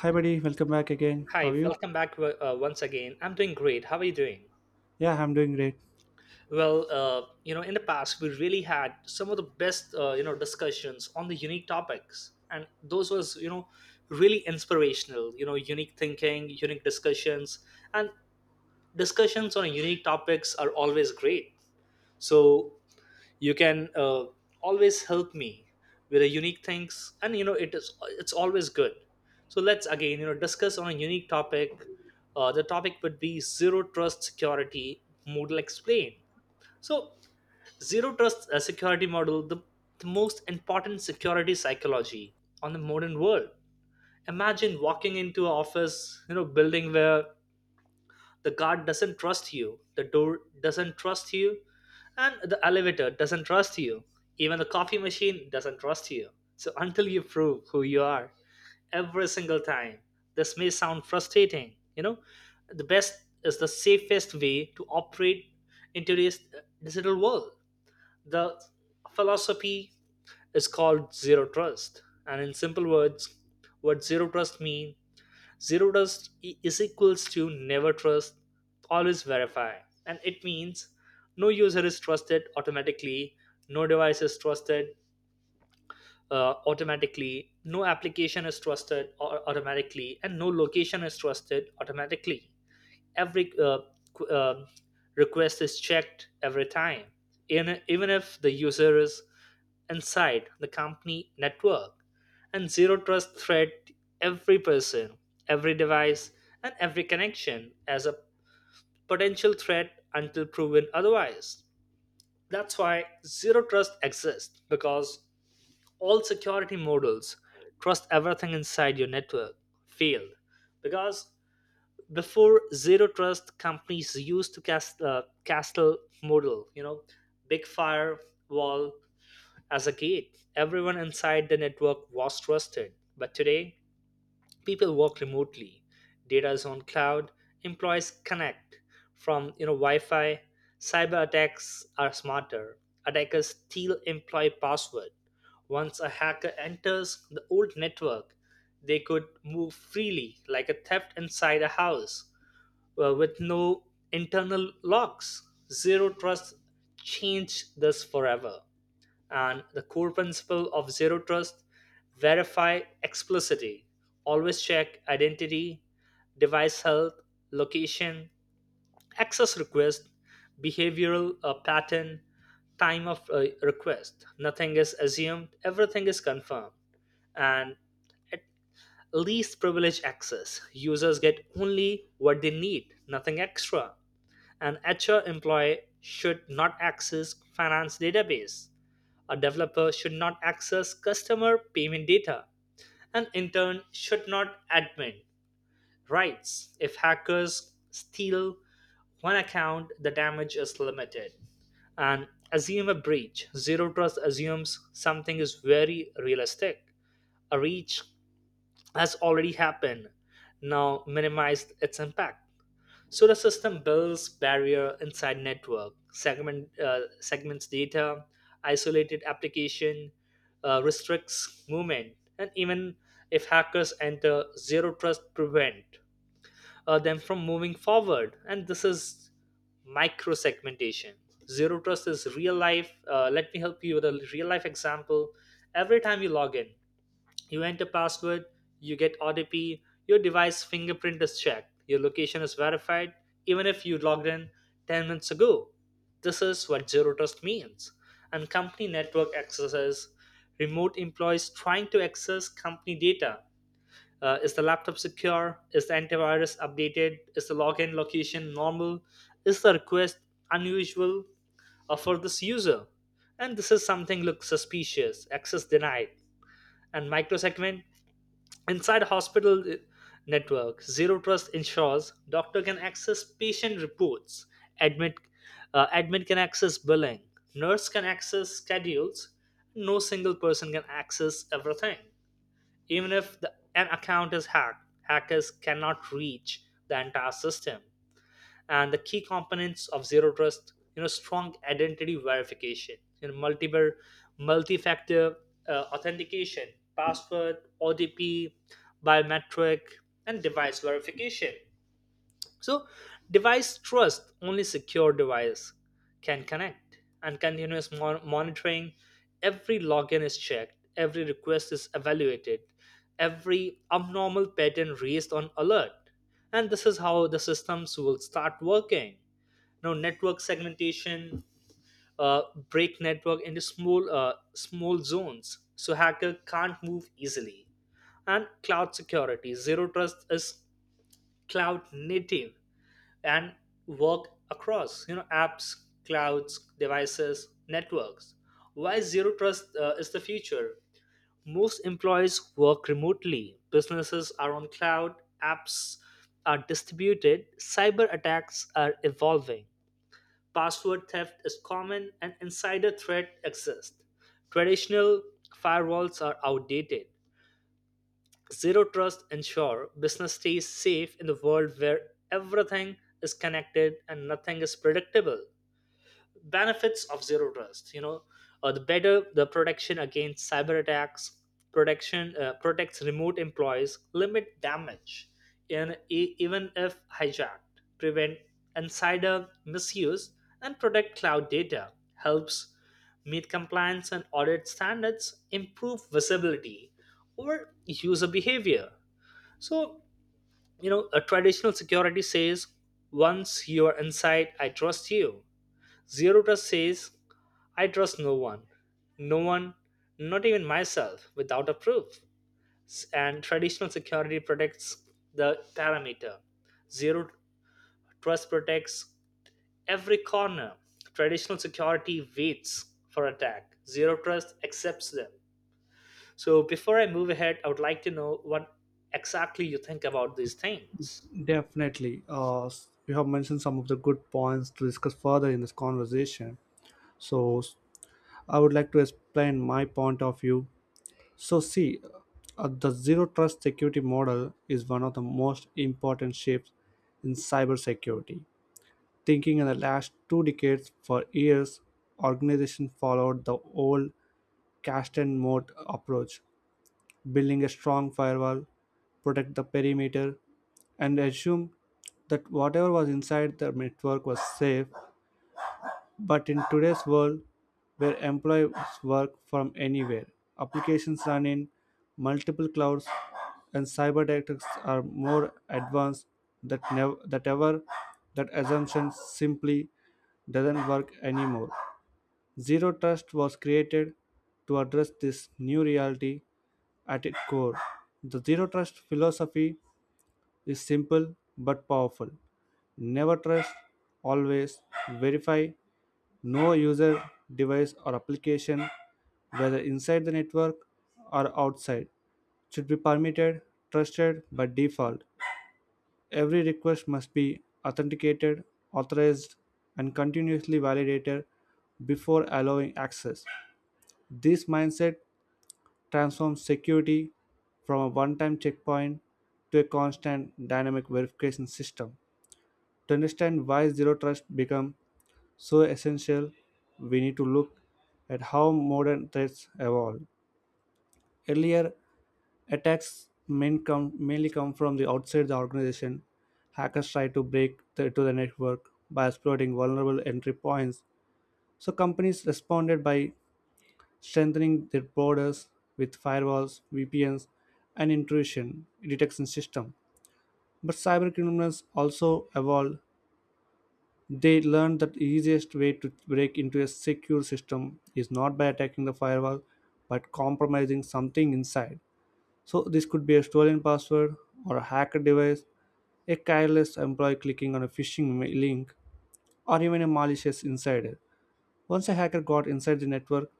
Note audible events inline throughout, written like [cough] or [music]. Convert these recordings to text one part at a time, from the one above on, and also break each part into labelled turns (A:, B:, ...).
A: Hi, buddy. Welcome back again. How
B: Hi,
A: are you?
B: welcome back once again. I'm doing great. How are you doing?
A: Yeah, I'm doing great.
B: In the past, we really had some of the best, discussions on the unique topics, and those was, really inspirational. You know, unique thinking, unique discussions, and discussions on unique topics are always great. So you can always help me with a unique things, and it's always good. So let's again, discuss on a unique topic. The topic would be zero trust security model. Explain. So zero trust security model, the most important security psychology on the modern world. Imagine walking into an office, building where the guard doesn't trust you, the door doesn't trust you, and the elevator doesn't trust you, even the coffee machine doesn't trust you. So until you prove who you are every single time. This may sound frustrating, the best is the safest way to operate in today's digital world. The philosophy is called zero trust, and in simple words, what zero trust means. Zero trust is equals to never trust, always verify. And it means no user is trusted automatically, no device is trusted automatically, no application is trusted automatically, and no location is trusted automatically. Every qu- uh, request is checked every time, even if the user is inside the company network. And zero trust threat every person, every device, and every connection as a potential threat until proven otherwise. That's why zero trust exists, because all security models trust everything inside your network failed. Because before zero trust, companies used to castle model, big firewall as a gate. Everyone inside the network was trusted, but today people work remotely, data is on cloud, employees connect from, wi-fi. Cyber attacks are smarter, attackers steal employee password. Once a hacker enters the old network, they could move freely like a theft inside a house with no internal locks. Zero trust changed this forever. And the core principle of zero trust: verify explicitly, always check identity, device health, location, access request, behavioral pattern, time of request. Nothing is assumed, everything is confirmed. And at least privilege access. Users get only what they need, nothing extra. An HR employee should not access finance database. A developer should not access customer payment data. An intern should not admin rights. If hackers steal one account, the damage is limited. And assume a breach. Zero trust assumes something is very realistic. A breach has already happened. Now minimize its impact. So the system builds barrier inside network, segments data, isolated application, restricts movement, and even if hackers enter, zero trust prevent them from moving forward. And this is micro segmentation. Zero trust is real life. Let me help you with a real life example. Every time you log in, you enter password, you get OTP, your device fingerprint is checked, your location is verified, even if you logged in 10 minutes ago. This is what zero trust means. And company network access is remote employees trying to access company data. Is the laptop secure? Is the antivirus updated? Is the login location normal? Is the request unusual for this user? And this is something looks suspicious. Access denied. And microsegment inside hospital network, zero trust ensures doctor can access patient reports, admit admin can access billing, nurse can access schedules. No single person can access everything. Even if an account is hacked, hackers cannot reach the entire system. And the key components of zero trust, strong identity verification, you know multiple multi-factor authentication, password, OTP, biometric, and device verification. So device trust, only secure device can connect. And continuous monitoring, every login is checked, every request is evaluated, every abnormal pattern raised on alert. And this is how the systems will start working. You know, network segmentation, uh, break network into small zones so hacker can't move easily. And cloud security, zero trust is cloud native and work across, apps, clouds, devices, networks. Why zero trust is the future? Most employees work remotely, businesses are on cloud, apps are distributed, cyber attacks are evolving. Password theft is common and insider threat exists. Traditional firewalls are outdated. Zero trust ensure business stays safe in the world where everything is connected and nothing is predictable. Benefits of zero trust, the better the protection against cyber attacks. Protection Protects remote employees, limit damage, and even if hijacked, prevent insider misuse, and protect cloud data, helps meet compliance and audit standards, improve visibility or user behavior. So, a traditional security says, once you are inside, I trust you. Zero trust says, I trust no one. No one, not even myself, without a proof. And traditional security protects the parameter. Zero trust protects every corner. Traditional security waits for attack. Zero trust accepts them. So before I move ahead, I would like to know what exactly you think about these things.
A: Definitely. You have mentioned some of the good points to discuss further in this conversation. So, s- I would like to explain my point of view. So, see, the zero trust security model is one of the most important shifts in cybersecurity. Thinking in the last two decades, for years, organizations followed the old cast and moat approach, building a strong firewall, protect the perimeter, and assume that whatever was inside the network was safe. But in today's world, where employees work from anywhere, applications run in multiple clouds, and cyber attacks are more advanced that never that ever, that assumption simply doesn't work anymore. Zero Trust was created to address this new reality. At its core, the Zero Trust philosophy is simple but powerful. Never trust, always verify. No user, device, or application, whether inside the network or outside, should be permitted, trusted by default. Every request must be authenticated, authorized, and continuously validated before allowing access. This mindset transforms security from a one time checkpoint to a constant dynamic verification system. To understand why zero trust become so essential, we need to look at how modern threats evolve. Earlier, mainly come from the outside the organization. Hackers try to break to the network by exploiting vulnerable entry points. So companies responded by strengthening their borders with firewalls, VPNs, and intrusion detection system. But cybercriminals also evolved. They learned that the easiest way to break into a secure system is not by attacking the firewall, but compromising something inside. So this could be a stolen password or a hacker device, a careless employee clicking on a link, or even a malicious insider. Once a hacker got inside the network,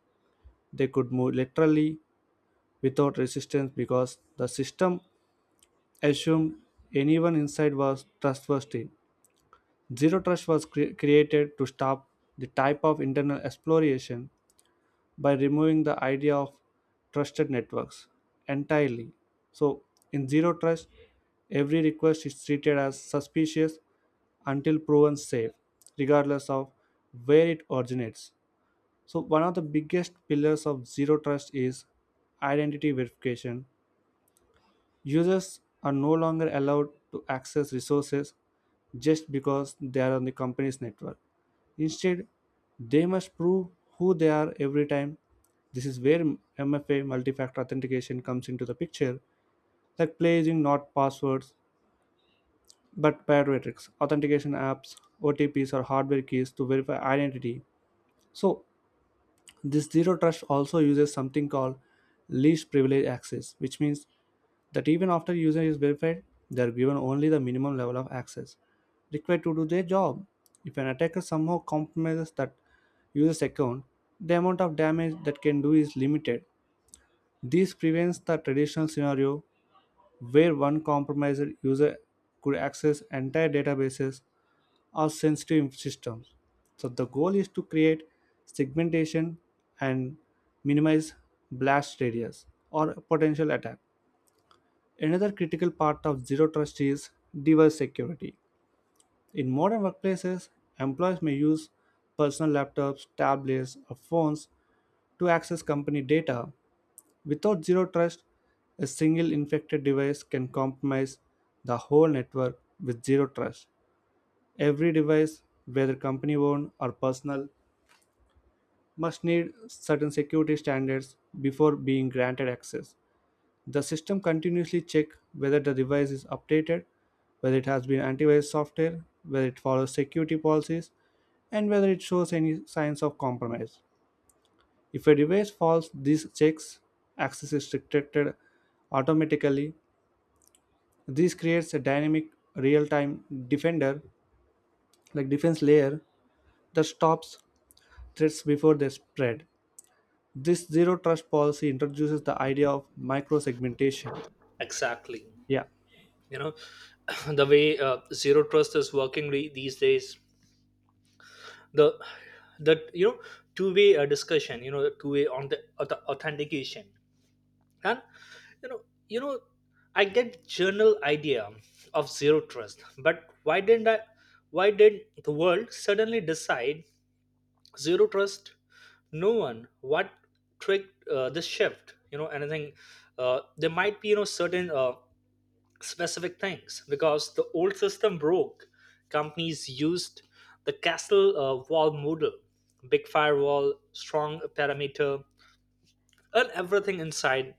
A: they could move literally without resistance because the system assumed anyone inside was trustworthy. Zero trust was created to stop the type of internal exploration by removing the idea of trusted networks entirely. So, in zero trust, every request is treated as suspicious until proven safe, regardless of where it originates. So, one of the biggest pillars of zero trust is identity verification. Users are no longer allowed to access resources just because they are on the company's network. Instead, they must prove who they are every time. This is where MFA, multi factor authentication, comes into the picture, like placing not passwords but biometrics, authentication apps, OTPs, or hardware keys to verify identity. So, this zero trust also uses something called least privilege access, which means that even after user is verified, they are given only the minimum level of access required to do their job. If an attacker somehow compromises that user's account, the amount of damage that can do is limited. This prevents the traditional scenario where one compromised user could access entire databases or sensitive systems. So the goal is to create segmentation and minimize blast radius or potential attack. Another critical part of zero trust is device security. In modern workplaces, employees may use personal laptops, tablets, or phones to access company data. Without zero trust, a single infected device can compromise the whole network. With zero trust, every device, whether company owned or personal, must need certain security standards before being granted access. The system continuously checks whether the device is updated, whether it has been antivirus software, whether it follows security policies, and whether it shows any signs of compromise. If a device fails these checks, access is restricted automatically. This creates a dynamic real-time defender like defense layer that stops threats before they spread. This zero trust policy introduces the idea of microsegmentation.
B: Exactly.
A: Yeah,
B: You know, [clears throat] the way zero trust is working these days, the that, two-way discussion, you know, two-way on the authentication and, you know you know I get general idea of zero trust. But why didn't I why did the world suddenly decide zero trust? No one, what tricked this shift? You know, anything there might be, certain specific things, because the old system broke. Companies used the castle wall model, big firewall, strong perimeter, and everything inside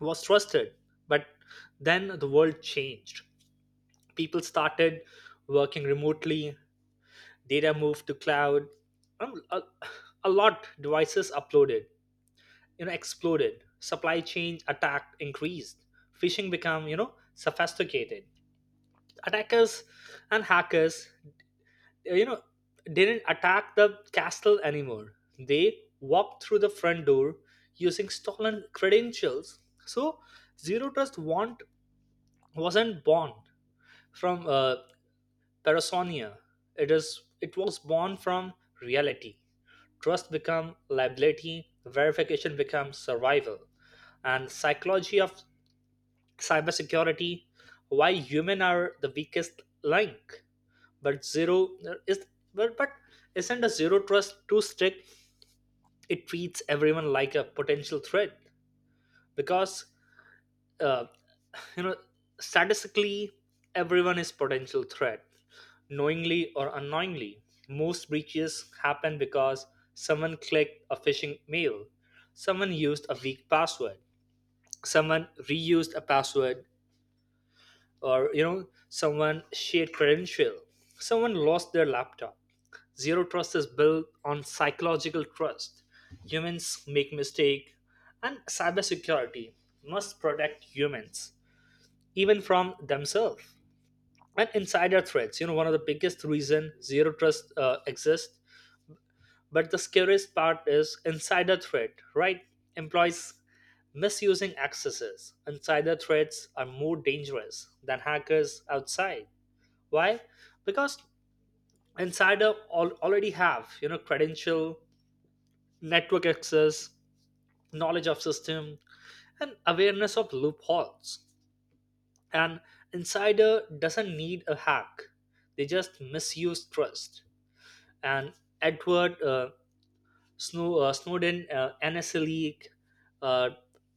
B: was trusted. But then the world changed. People started working remotely, data moved to cloud, and a lot devices uploaded, you know, exploded. Supply chain attack increased. Phishing become, you know, sophisticated. Attackers and hackers, uh, you know didn't attack the castle anymore. They walked through the front door using stolen credentials. So zero trust want wasn't born from parasomnia. it is it was born from reality. Trust become liability, verification becomes survival. And psychology of cybersecurity, why human are the weakest link. But but, but isn't a zero trust too strict? It treats everyone like a potential threat. Because uh, you know statistically everyone is potential threat, knowingly or unknowingly. Most breaches happen because someone clicked a phishing mail, someone used a weak password, someone reused a password, or, someone shared credential, someone lost their laptop. Zero trust is built on psychological trust. Humans make mistake, and cybersecurity must protect humans even from themselves. And insider threats, you know, one of the biggest reason zero trust exists. But the scariest part is insider threat, right? Employees misusing accesses. Insider threats are more dangerous than hackers outside. Why? Because already have, you know, credential, network access, knowledge of system, and awareness of loopholes. An insider doesn't need a hack; they just misuse trust. And Edward Snowden, NSA leak, uh,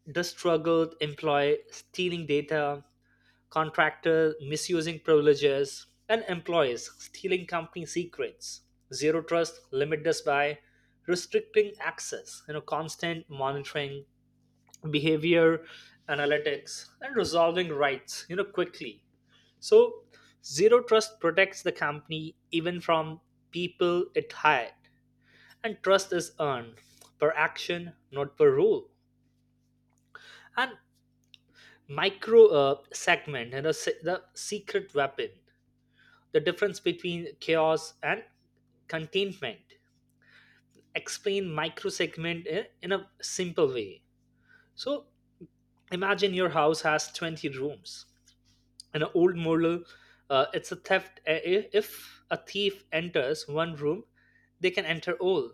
B: the struggled employee stealing data, contractor misusing privileges, and employees stealing company secrets. Zero trust limit us by restricting access, you know, constant monitoring, behavior analytics, and resolving rights, quickly. So zero trust protects the company even from people it hired. And trust is earned per action, not per rule. And micro segment, and, the secret weapon, the difference between chaos and containment. Explain micro segment in a simple way. So imagine your house has 20 rooms. An old model, it's a theft I- if a thief enters one room, they can enter all.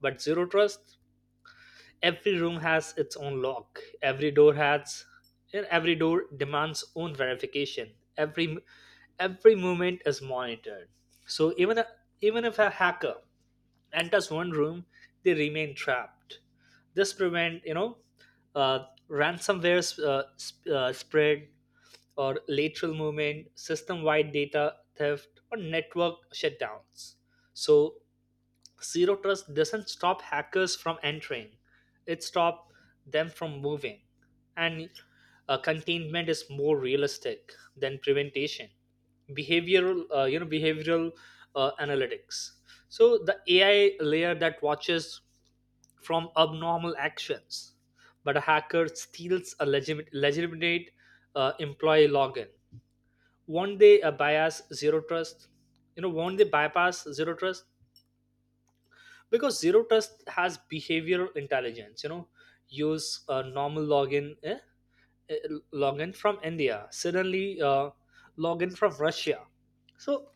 B: But zero trust, every room has its own lock, every door has, and every door demands own verification, every movement is monitored. So even if a hacker enters one room, they remain trapped. This prevent, you know, ransomware spread or lateral movement, system wide data theft, or network shutdowns. So, zero trust doesn't stop hackers from entering, it stops them from moving. And containment is more realistic than prevention. Behavioral analytics. So the AI layer that watches from abnormal actions, but a hacker steals a legitimate employee login. Won't they bias zero trust? You know, Won't they bypass zero trust? Because zero trust has behavioral intelligence, you know, use a normal login, eh? eh, login from india suddenly, login from russia. so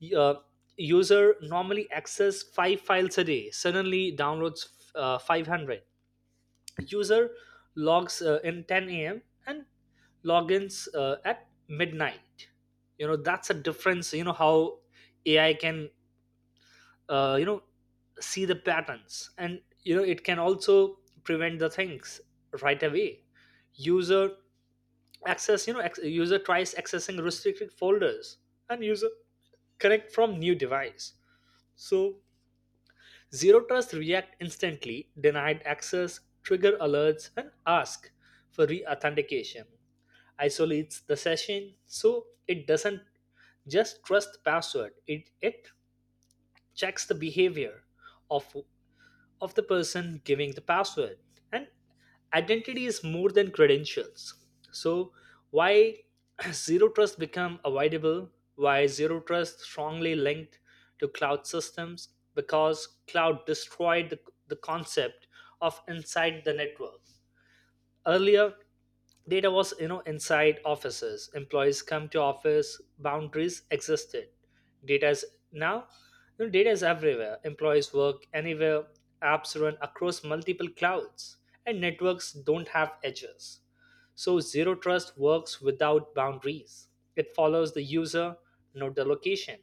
B: y- uh, User normally access five files a day, suddenly downloads 500. User logs in 10 a.m. and logins at midnight. You know, that's a difference. You know how ai can uh, you know see the patterns, and you know it can also prevent the things right away. User access, user tries accessing restricted folders and user connect from new device. So zero trust react instantly, denied access, trigger alerts, and ask for re-authentication. Isolates the session, so it doesn't just trust password. It checks the behavior of of the person giving the password. And identity is more than credentials. So why [clears throat] zero trust become avoidable? Why zero trust strongly linked to cloud systems? Because cloud destroyed the concept of inside the network. Earlier, data was you know inside offices. Employees come to office. Boundaries existed. Data is now, you know, data is everywhere. Employees work anywhere. Apps run across multiple clouds, and networks don't have edges. So zero trust works without boundaries. It follows the user, not the location.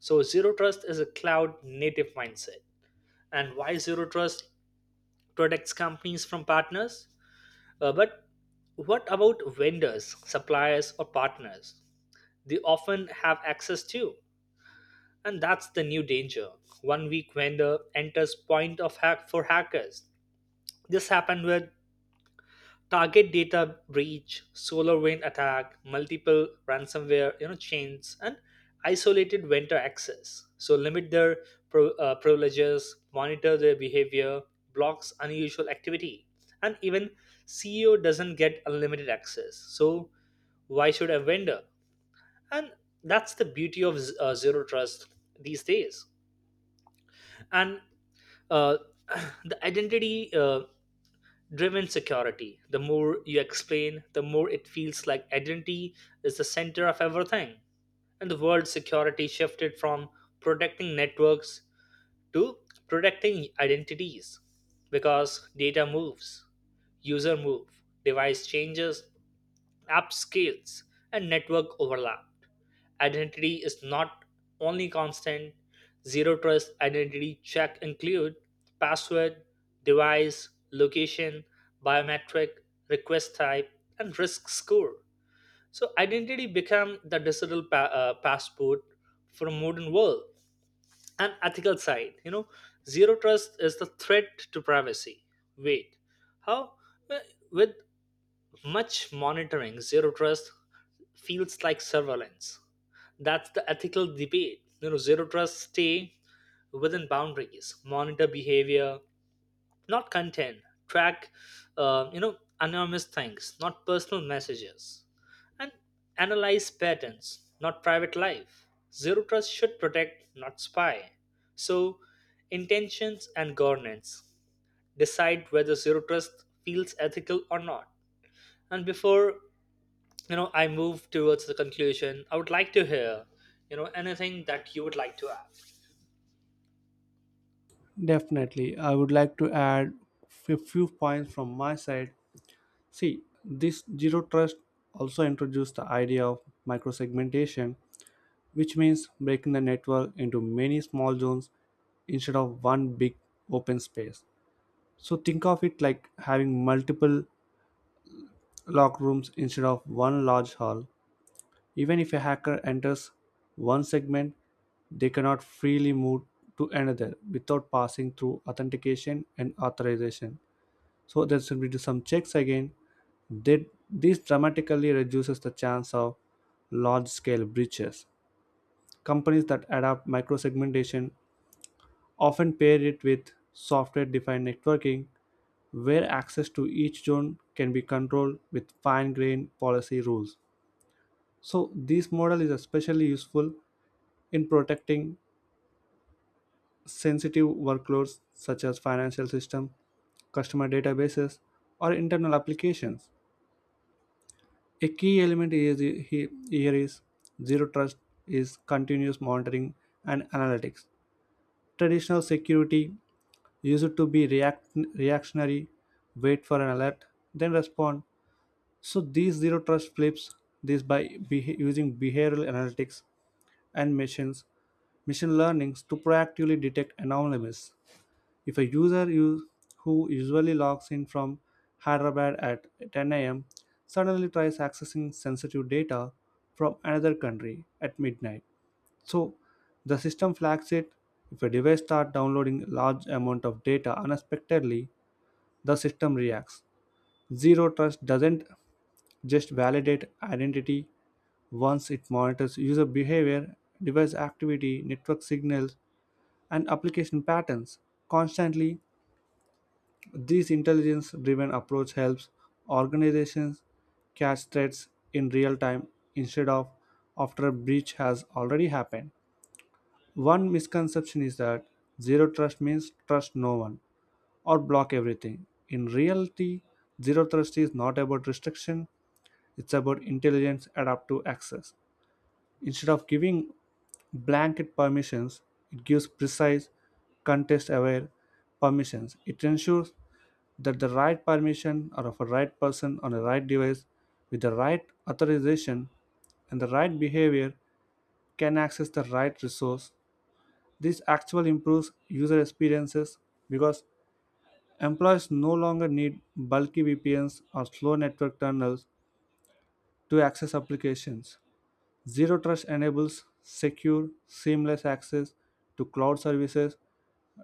B: So zero trust is a cloud native mindset. And why zero trust protects companies from partners? But what about vendors, suppliers, or partners? They often have access to, and that's the new danger. One weak vendor enters point of hack for hackers. This happened with target data breach, solar wind attack, multiple ransomware you know chains, and isolated vendor access. So limit their privileges, monitor their behavior, blocks unusual activity, and even CEO doesn't get unlimited access. So why should a vendor? And that's the beauty of zero trust these days. And uh, [clears throat] the identity, driven security. The more you explain, the more it feels like identity is the center of everything. And the world's security shifted from protecting networks to protecting identities, because data moves, user move, device changes, app scales, and network overlap. Identity is not only constant. Zero trust identity check include password, device, location, biometric, request type, and risk score. So identity become the digital passport for a modern world. And ethical side, you know, zero trust is the threat to privacy. Wait, how? Well, with much monitoring, zero trust feels like surveillance. That's the ethical debate. You know, zero trust stay within boundaries, monitor behavior, not content, track, anonymous things, not personal messages, and analyze patterns, not private life. Zero trust should protect, not spy. So, intentions and governance decide whether zero trust feels ethical or not. And before I move towards the conclusion, I would like to hear you know anything that you would like to add.
A: definitely. I would like to add a few points from my side. See, this zero trust also introduced the idea of microsegmentation, which means breaking the network into many small zones instead of one big open space. So think of it like having multiple lock rooms instead of one large hall. Even if a hacker enters one segment, they cannot freely move to another without passing through authentication and authorization. So there should be some checks again. This dramatically reduces the chance of large scale breaches. Companies that adapt microsegmentation often pair it with software defined networking, where access to each zone can be controlled with fine grained policy rules. So, this model is especially useful in protecting sensitive workloads such as financial systems, customer databases, or internal applications. A key element here is zero trust is continuous monitoring and analytics. Traditional security used to be reactionary, wait for an alert, then respond. So these zero trust flips this by using behavioral analytics and machine learnings to proactively detect anomalies. If a who usually logs in from Hyderabad at 10 a.m. suddenly tries accessing sensitive data from another country at midnight, so the system flags it. If a device starts downloading large amount of data unexpectedly, the system reacts. Zero Trust doesn't just validate identity once. It monitors user behavior, device activity, network signals, and application patterns constantly. This intelligence driven approach helps organizations catch threats in real time instead of after a breach has already happened. One misconception is that zero trust means trust no one or block everything. In reality, zero trust is not about restriction, it's about intelligence adaptive access. Instead of giving blanket permissions, it gives precise, context aware permissions. It ensures that the right permission are of a right person on a right device with the right authorization and the right behavior can access the right resource. This actually improves user experiences because employees no longer need bulky VPNs or slow network tunnels to access applications. Zero Trust enables secure, seamless access to cloud services,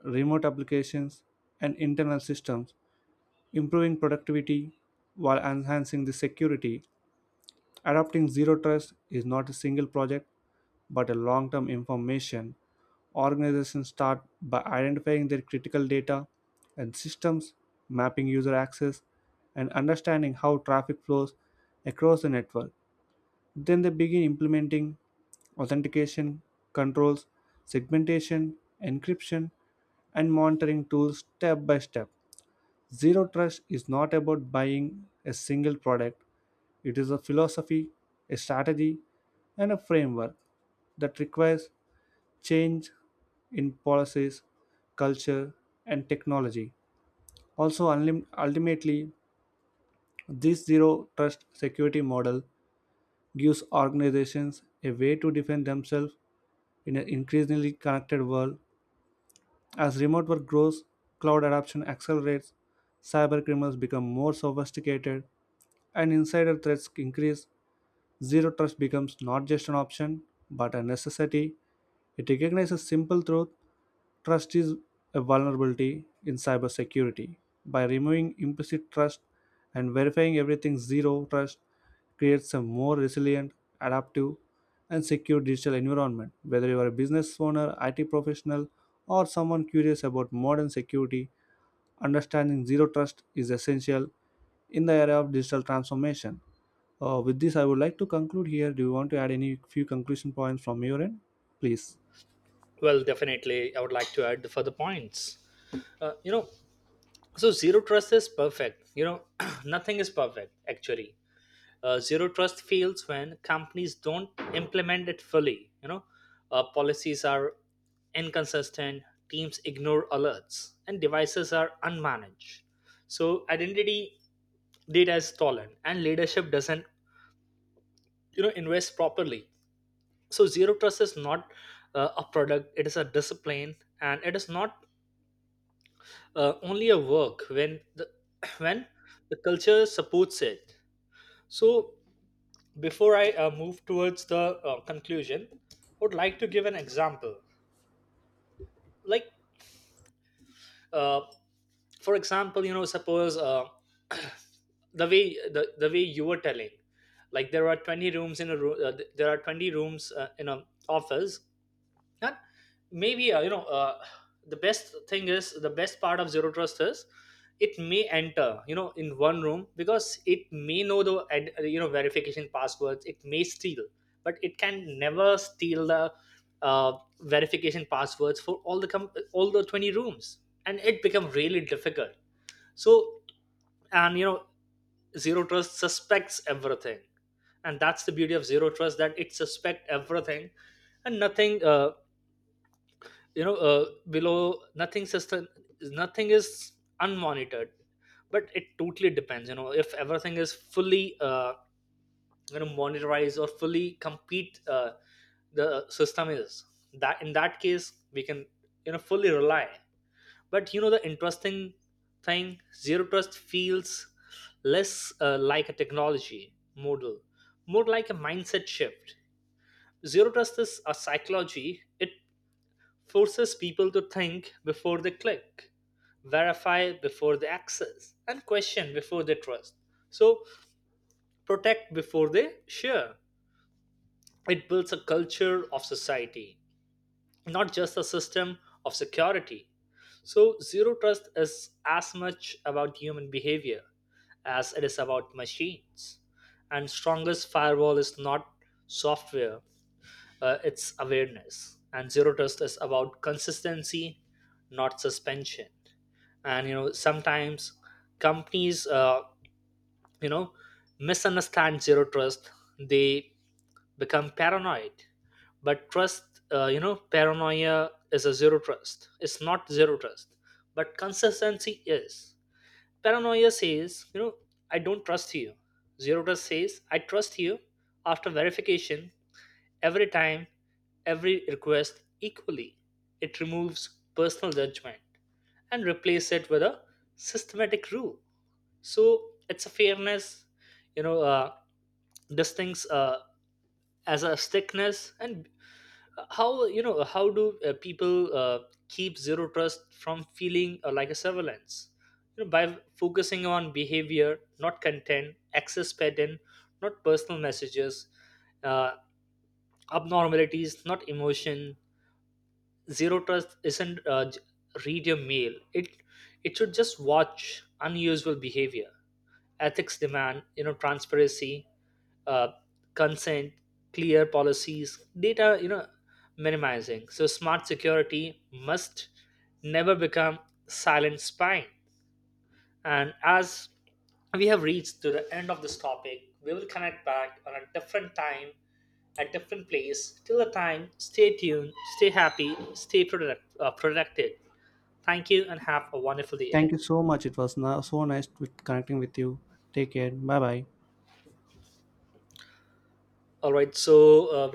A: remote applications, and internal systems. Improving productivity while enhancing the security, adopting zero trust is not a single project but a long term information. Organizations start by identifying their critical data and systems, mapping user access, and understanding how traffic flows across the network. Then they begin implementing authentication, controls, segmentation, encryption, and monitoring tools step by step. Zero trust is not about buying a single product, it is a philosophy, a strategy, and a framework that requires change in policies, culture, and technology. Also, ultimately, this zero trust security model gives organizations a way to defend themselves in an increasingly connected world. As remote work grows, cloud adoption accelerates, cyber criminals become more sophisticated, and insider threats increase. Zero trust becomes not just an option, but a necessity. It recognizes simple truth. Trust is a vulnerability in cybersecurity. By removing implicit trust and verifying everything, zero trust creates a more resilient, adaptive, and secure digital environment. Whether you are a business owner, IT professional, or someone curious about modern security, understanding zero trust is essential in the area of digital transformation. With this, I would like to conclude here. Do you want to add any few conclusion points from your end? Please.
B: Well, definitely, I would like to add the further points. uh, you know so zero trust is perfect. You know, [clears throat] nothing is perfect actually. Zero trust fails when companies don't implement it fully. You know, policies are inconsistent, teams ignore alerts, and devices are unmanaged. So identity data is stolen, and leadership doesn't you know invest properly. So zero trust is not a product, it is a discipline. And it is not only a work when the [coughs] [clears throat] when the culture supports it. So before I move towards the conclusion, I would like to give an example. Like, uh, for example, you know, suppose [coughs] [clears throat] the way the way you were telling, like there are 20 rooms in a room, there are 20 rooms in an office. And maybe, the best thing is, the best part of zero trust is it may enter, you know, in one room, because it may know the verification passwords, it may steal, but it can never steal the uh, verification passwords for all the all the 20 rooms, and it become really difficult. So, and you know, zero trust suspects everything, and that's the beauty of zero trust, that it suspect everything. And nothing below nothing system, nothing is unmonitored. But it totally depends. You know, if everything is fully, monitorized, or fully complete, the system is, that in that case we can you know fully rely. But you know, the interesting thing, zero trust feels less like a technology model, more like a mindset shift. Zero trust is a psychology. It forces people to think before they click, verify before they access, and question before they trust. So, protect before they share. It builds a culture of society, not just a system of security. So, zero trust is as much about human behavior as it is about machines. And strongest firewall is not software, it's awareness. And zero trust is about consistency, not suspension. And you know, sometimes companies you know misunderstand zero trust. They become paranoid. But trust, paranoia is a zero trust, it's not zero trust, but consistency is. Paranoia says, you know, I don't trust you. Zero trust says, I trust you after verification, every time, every request equally. It removes personal judgment and replace it with a systematic rule. So it's a fairness, you know, uh, distincts as a stickness. And how, you know, how do people keep zero trust from feeling like a surveillance? You know, by focusing on behavior, not content, access pattern, not personal messages, uh, abnormalities, not emotion. Zero trust isn't read your mail. It should just watch unusual behavior. Ethics demand, you know, transparency, uh, consent, clear policies, data, you know, minimizing. So smart security must never become silent spying. And as we have reached to the end of this topic, we will connect back on a different time at different place. Till the time, stay tuned, stay happy, stay productive. Thank you, and have a wonderful day ahead.
A: Thank you so much. It was so nice with connecting with you. Take care. Bye bye.
B: All right, so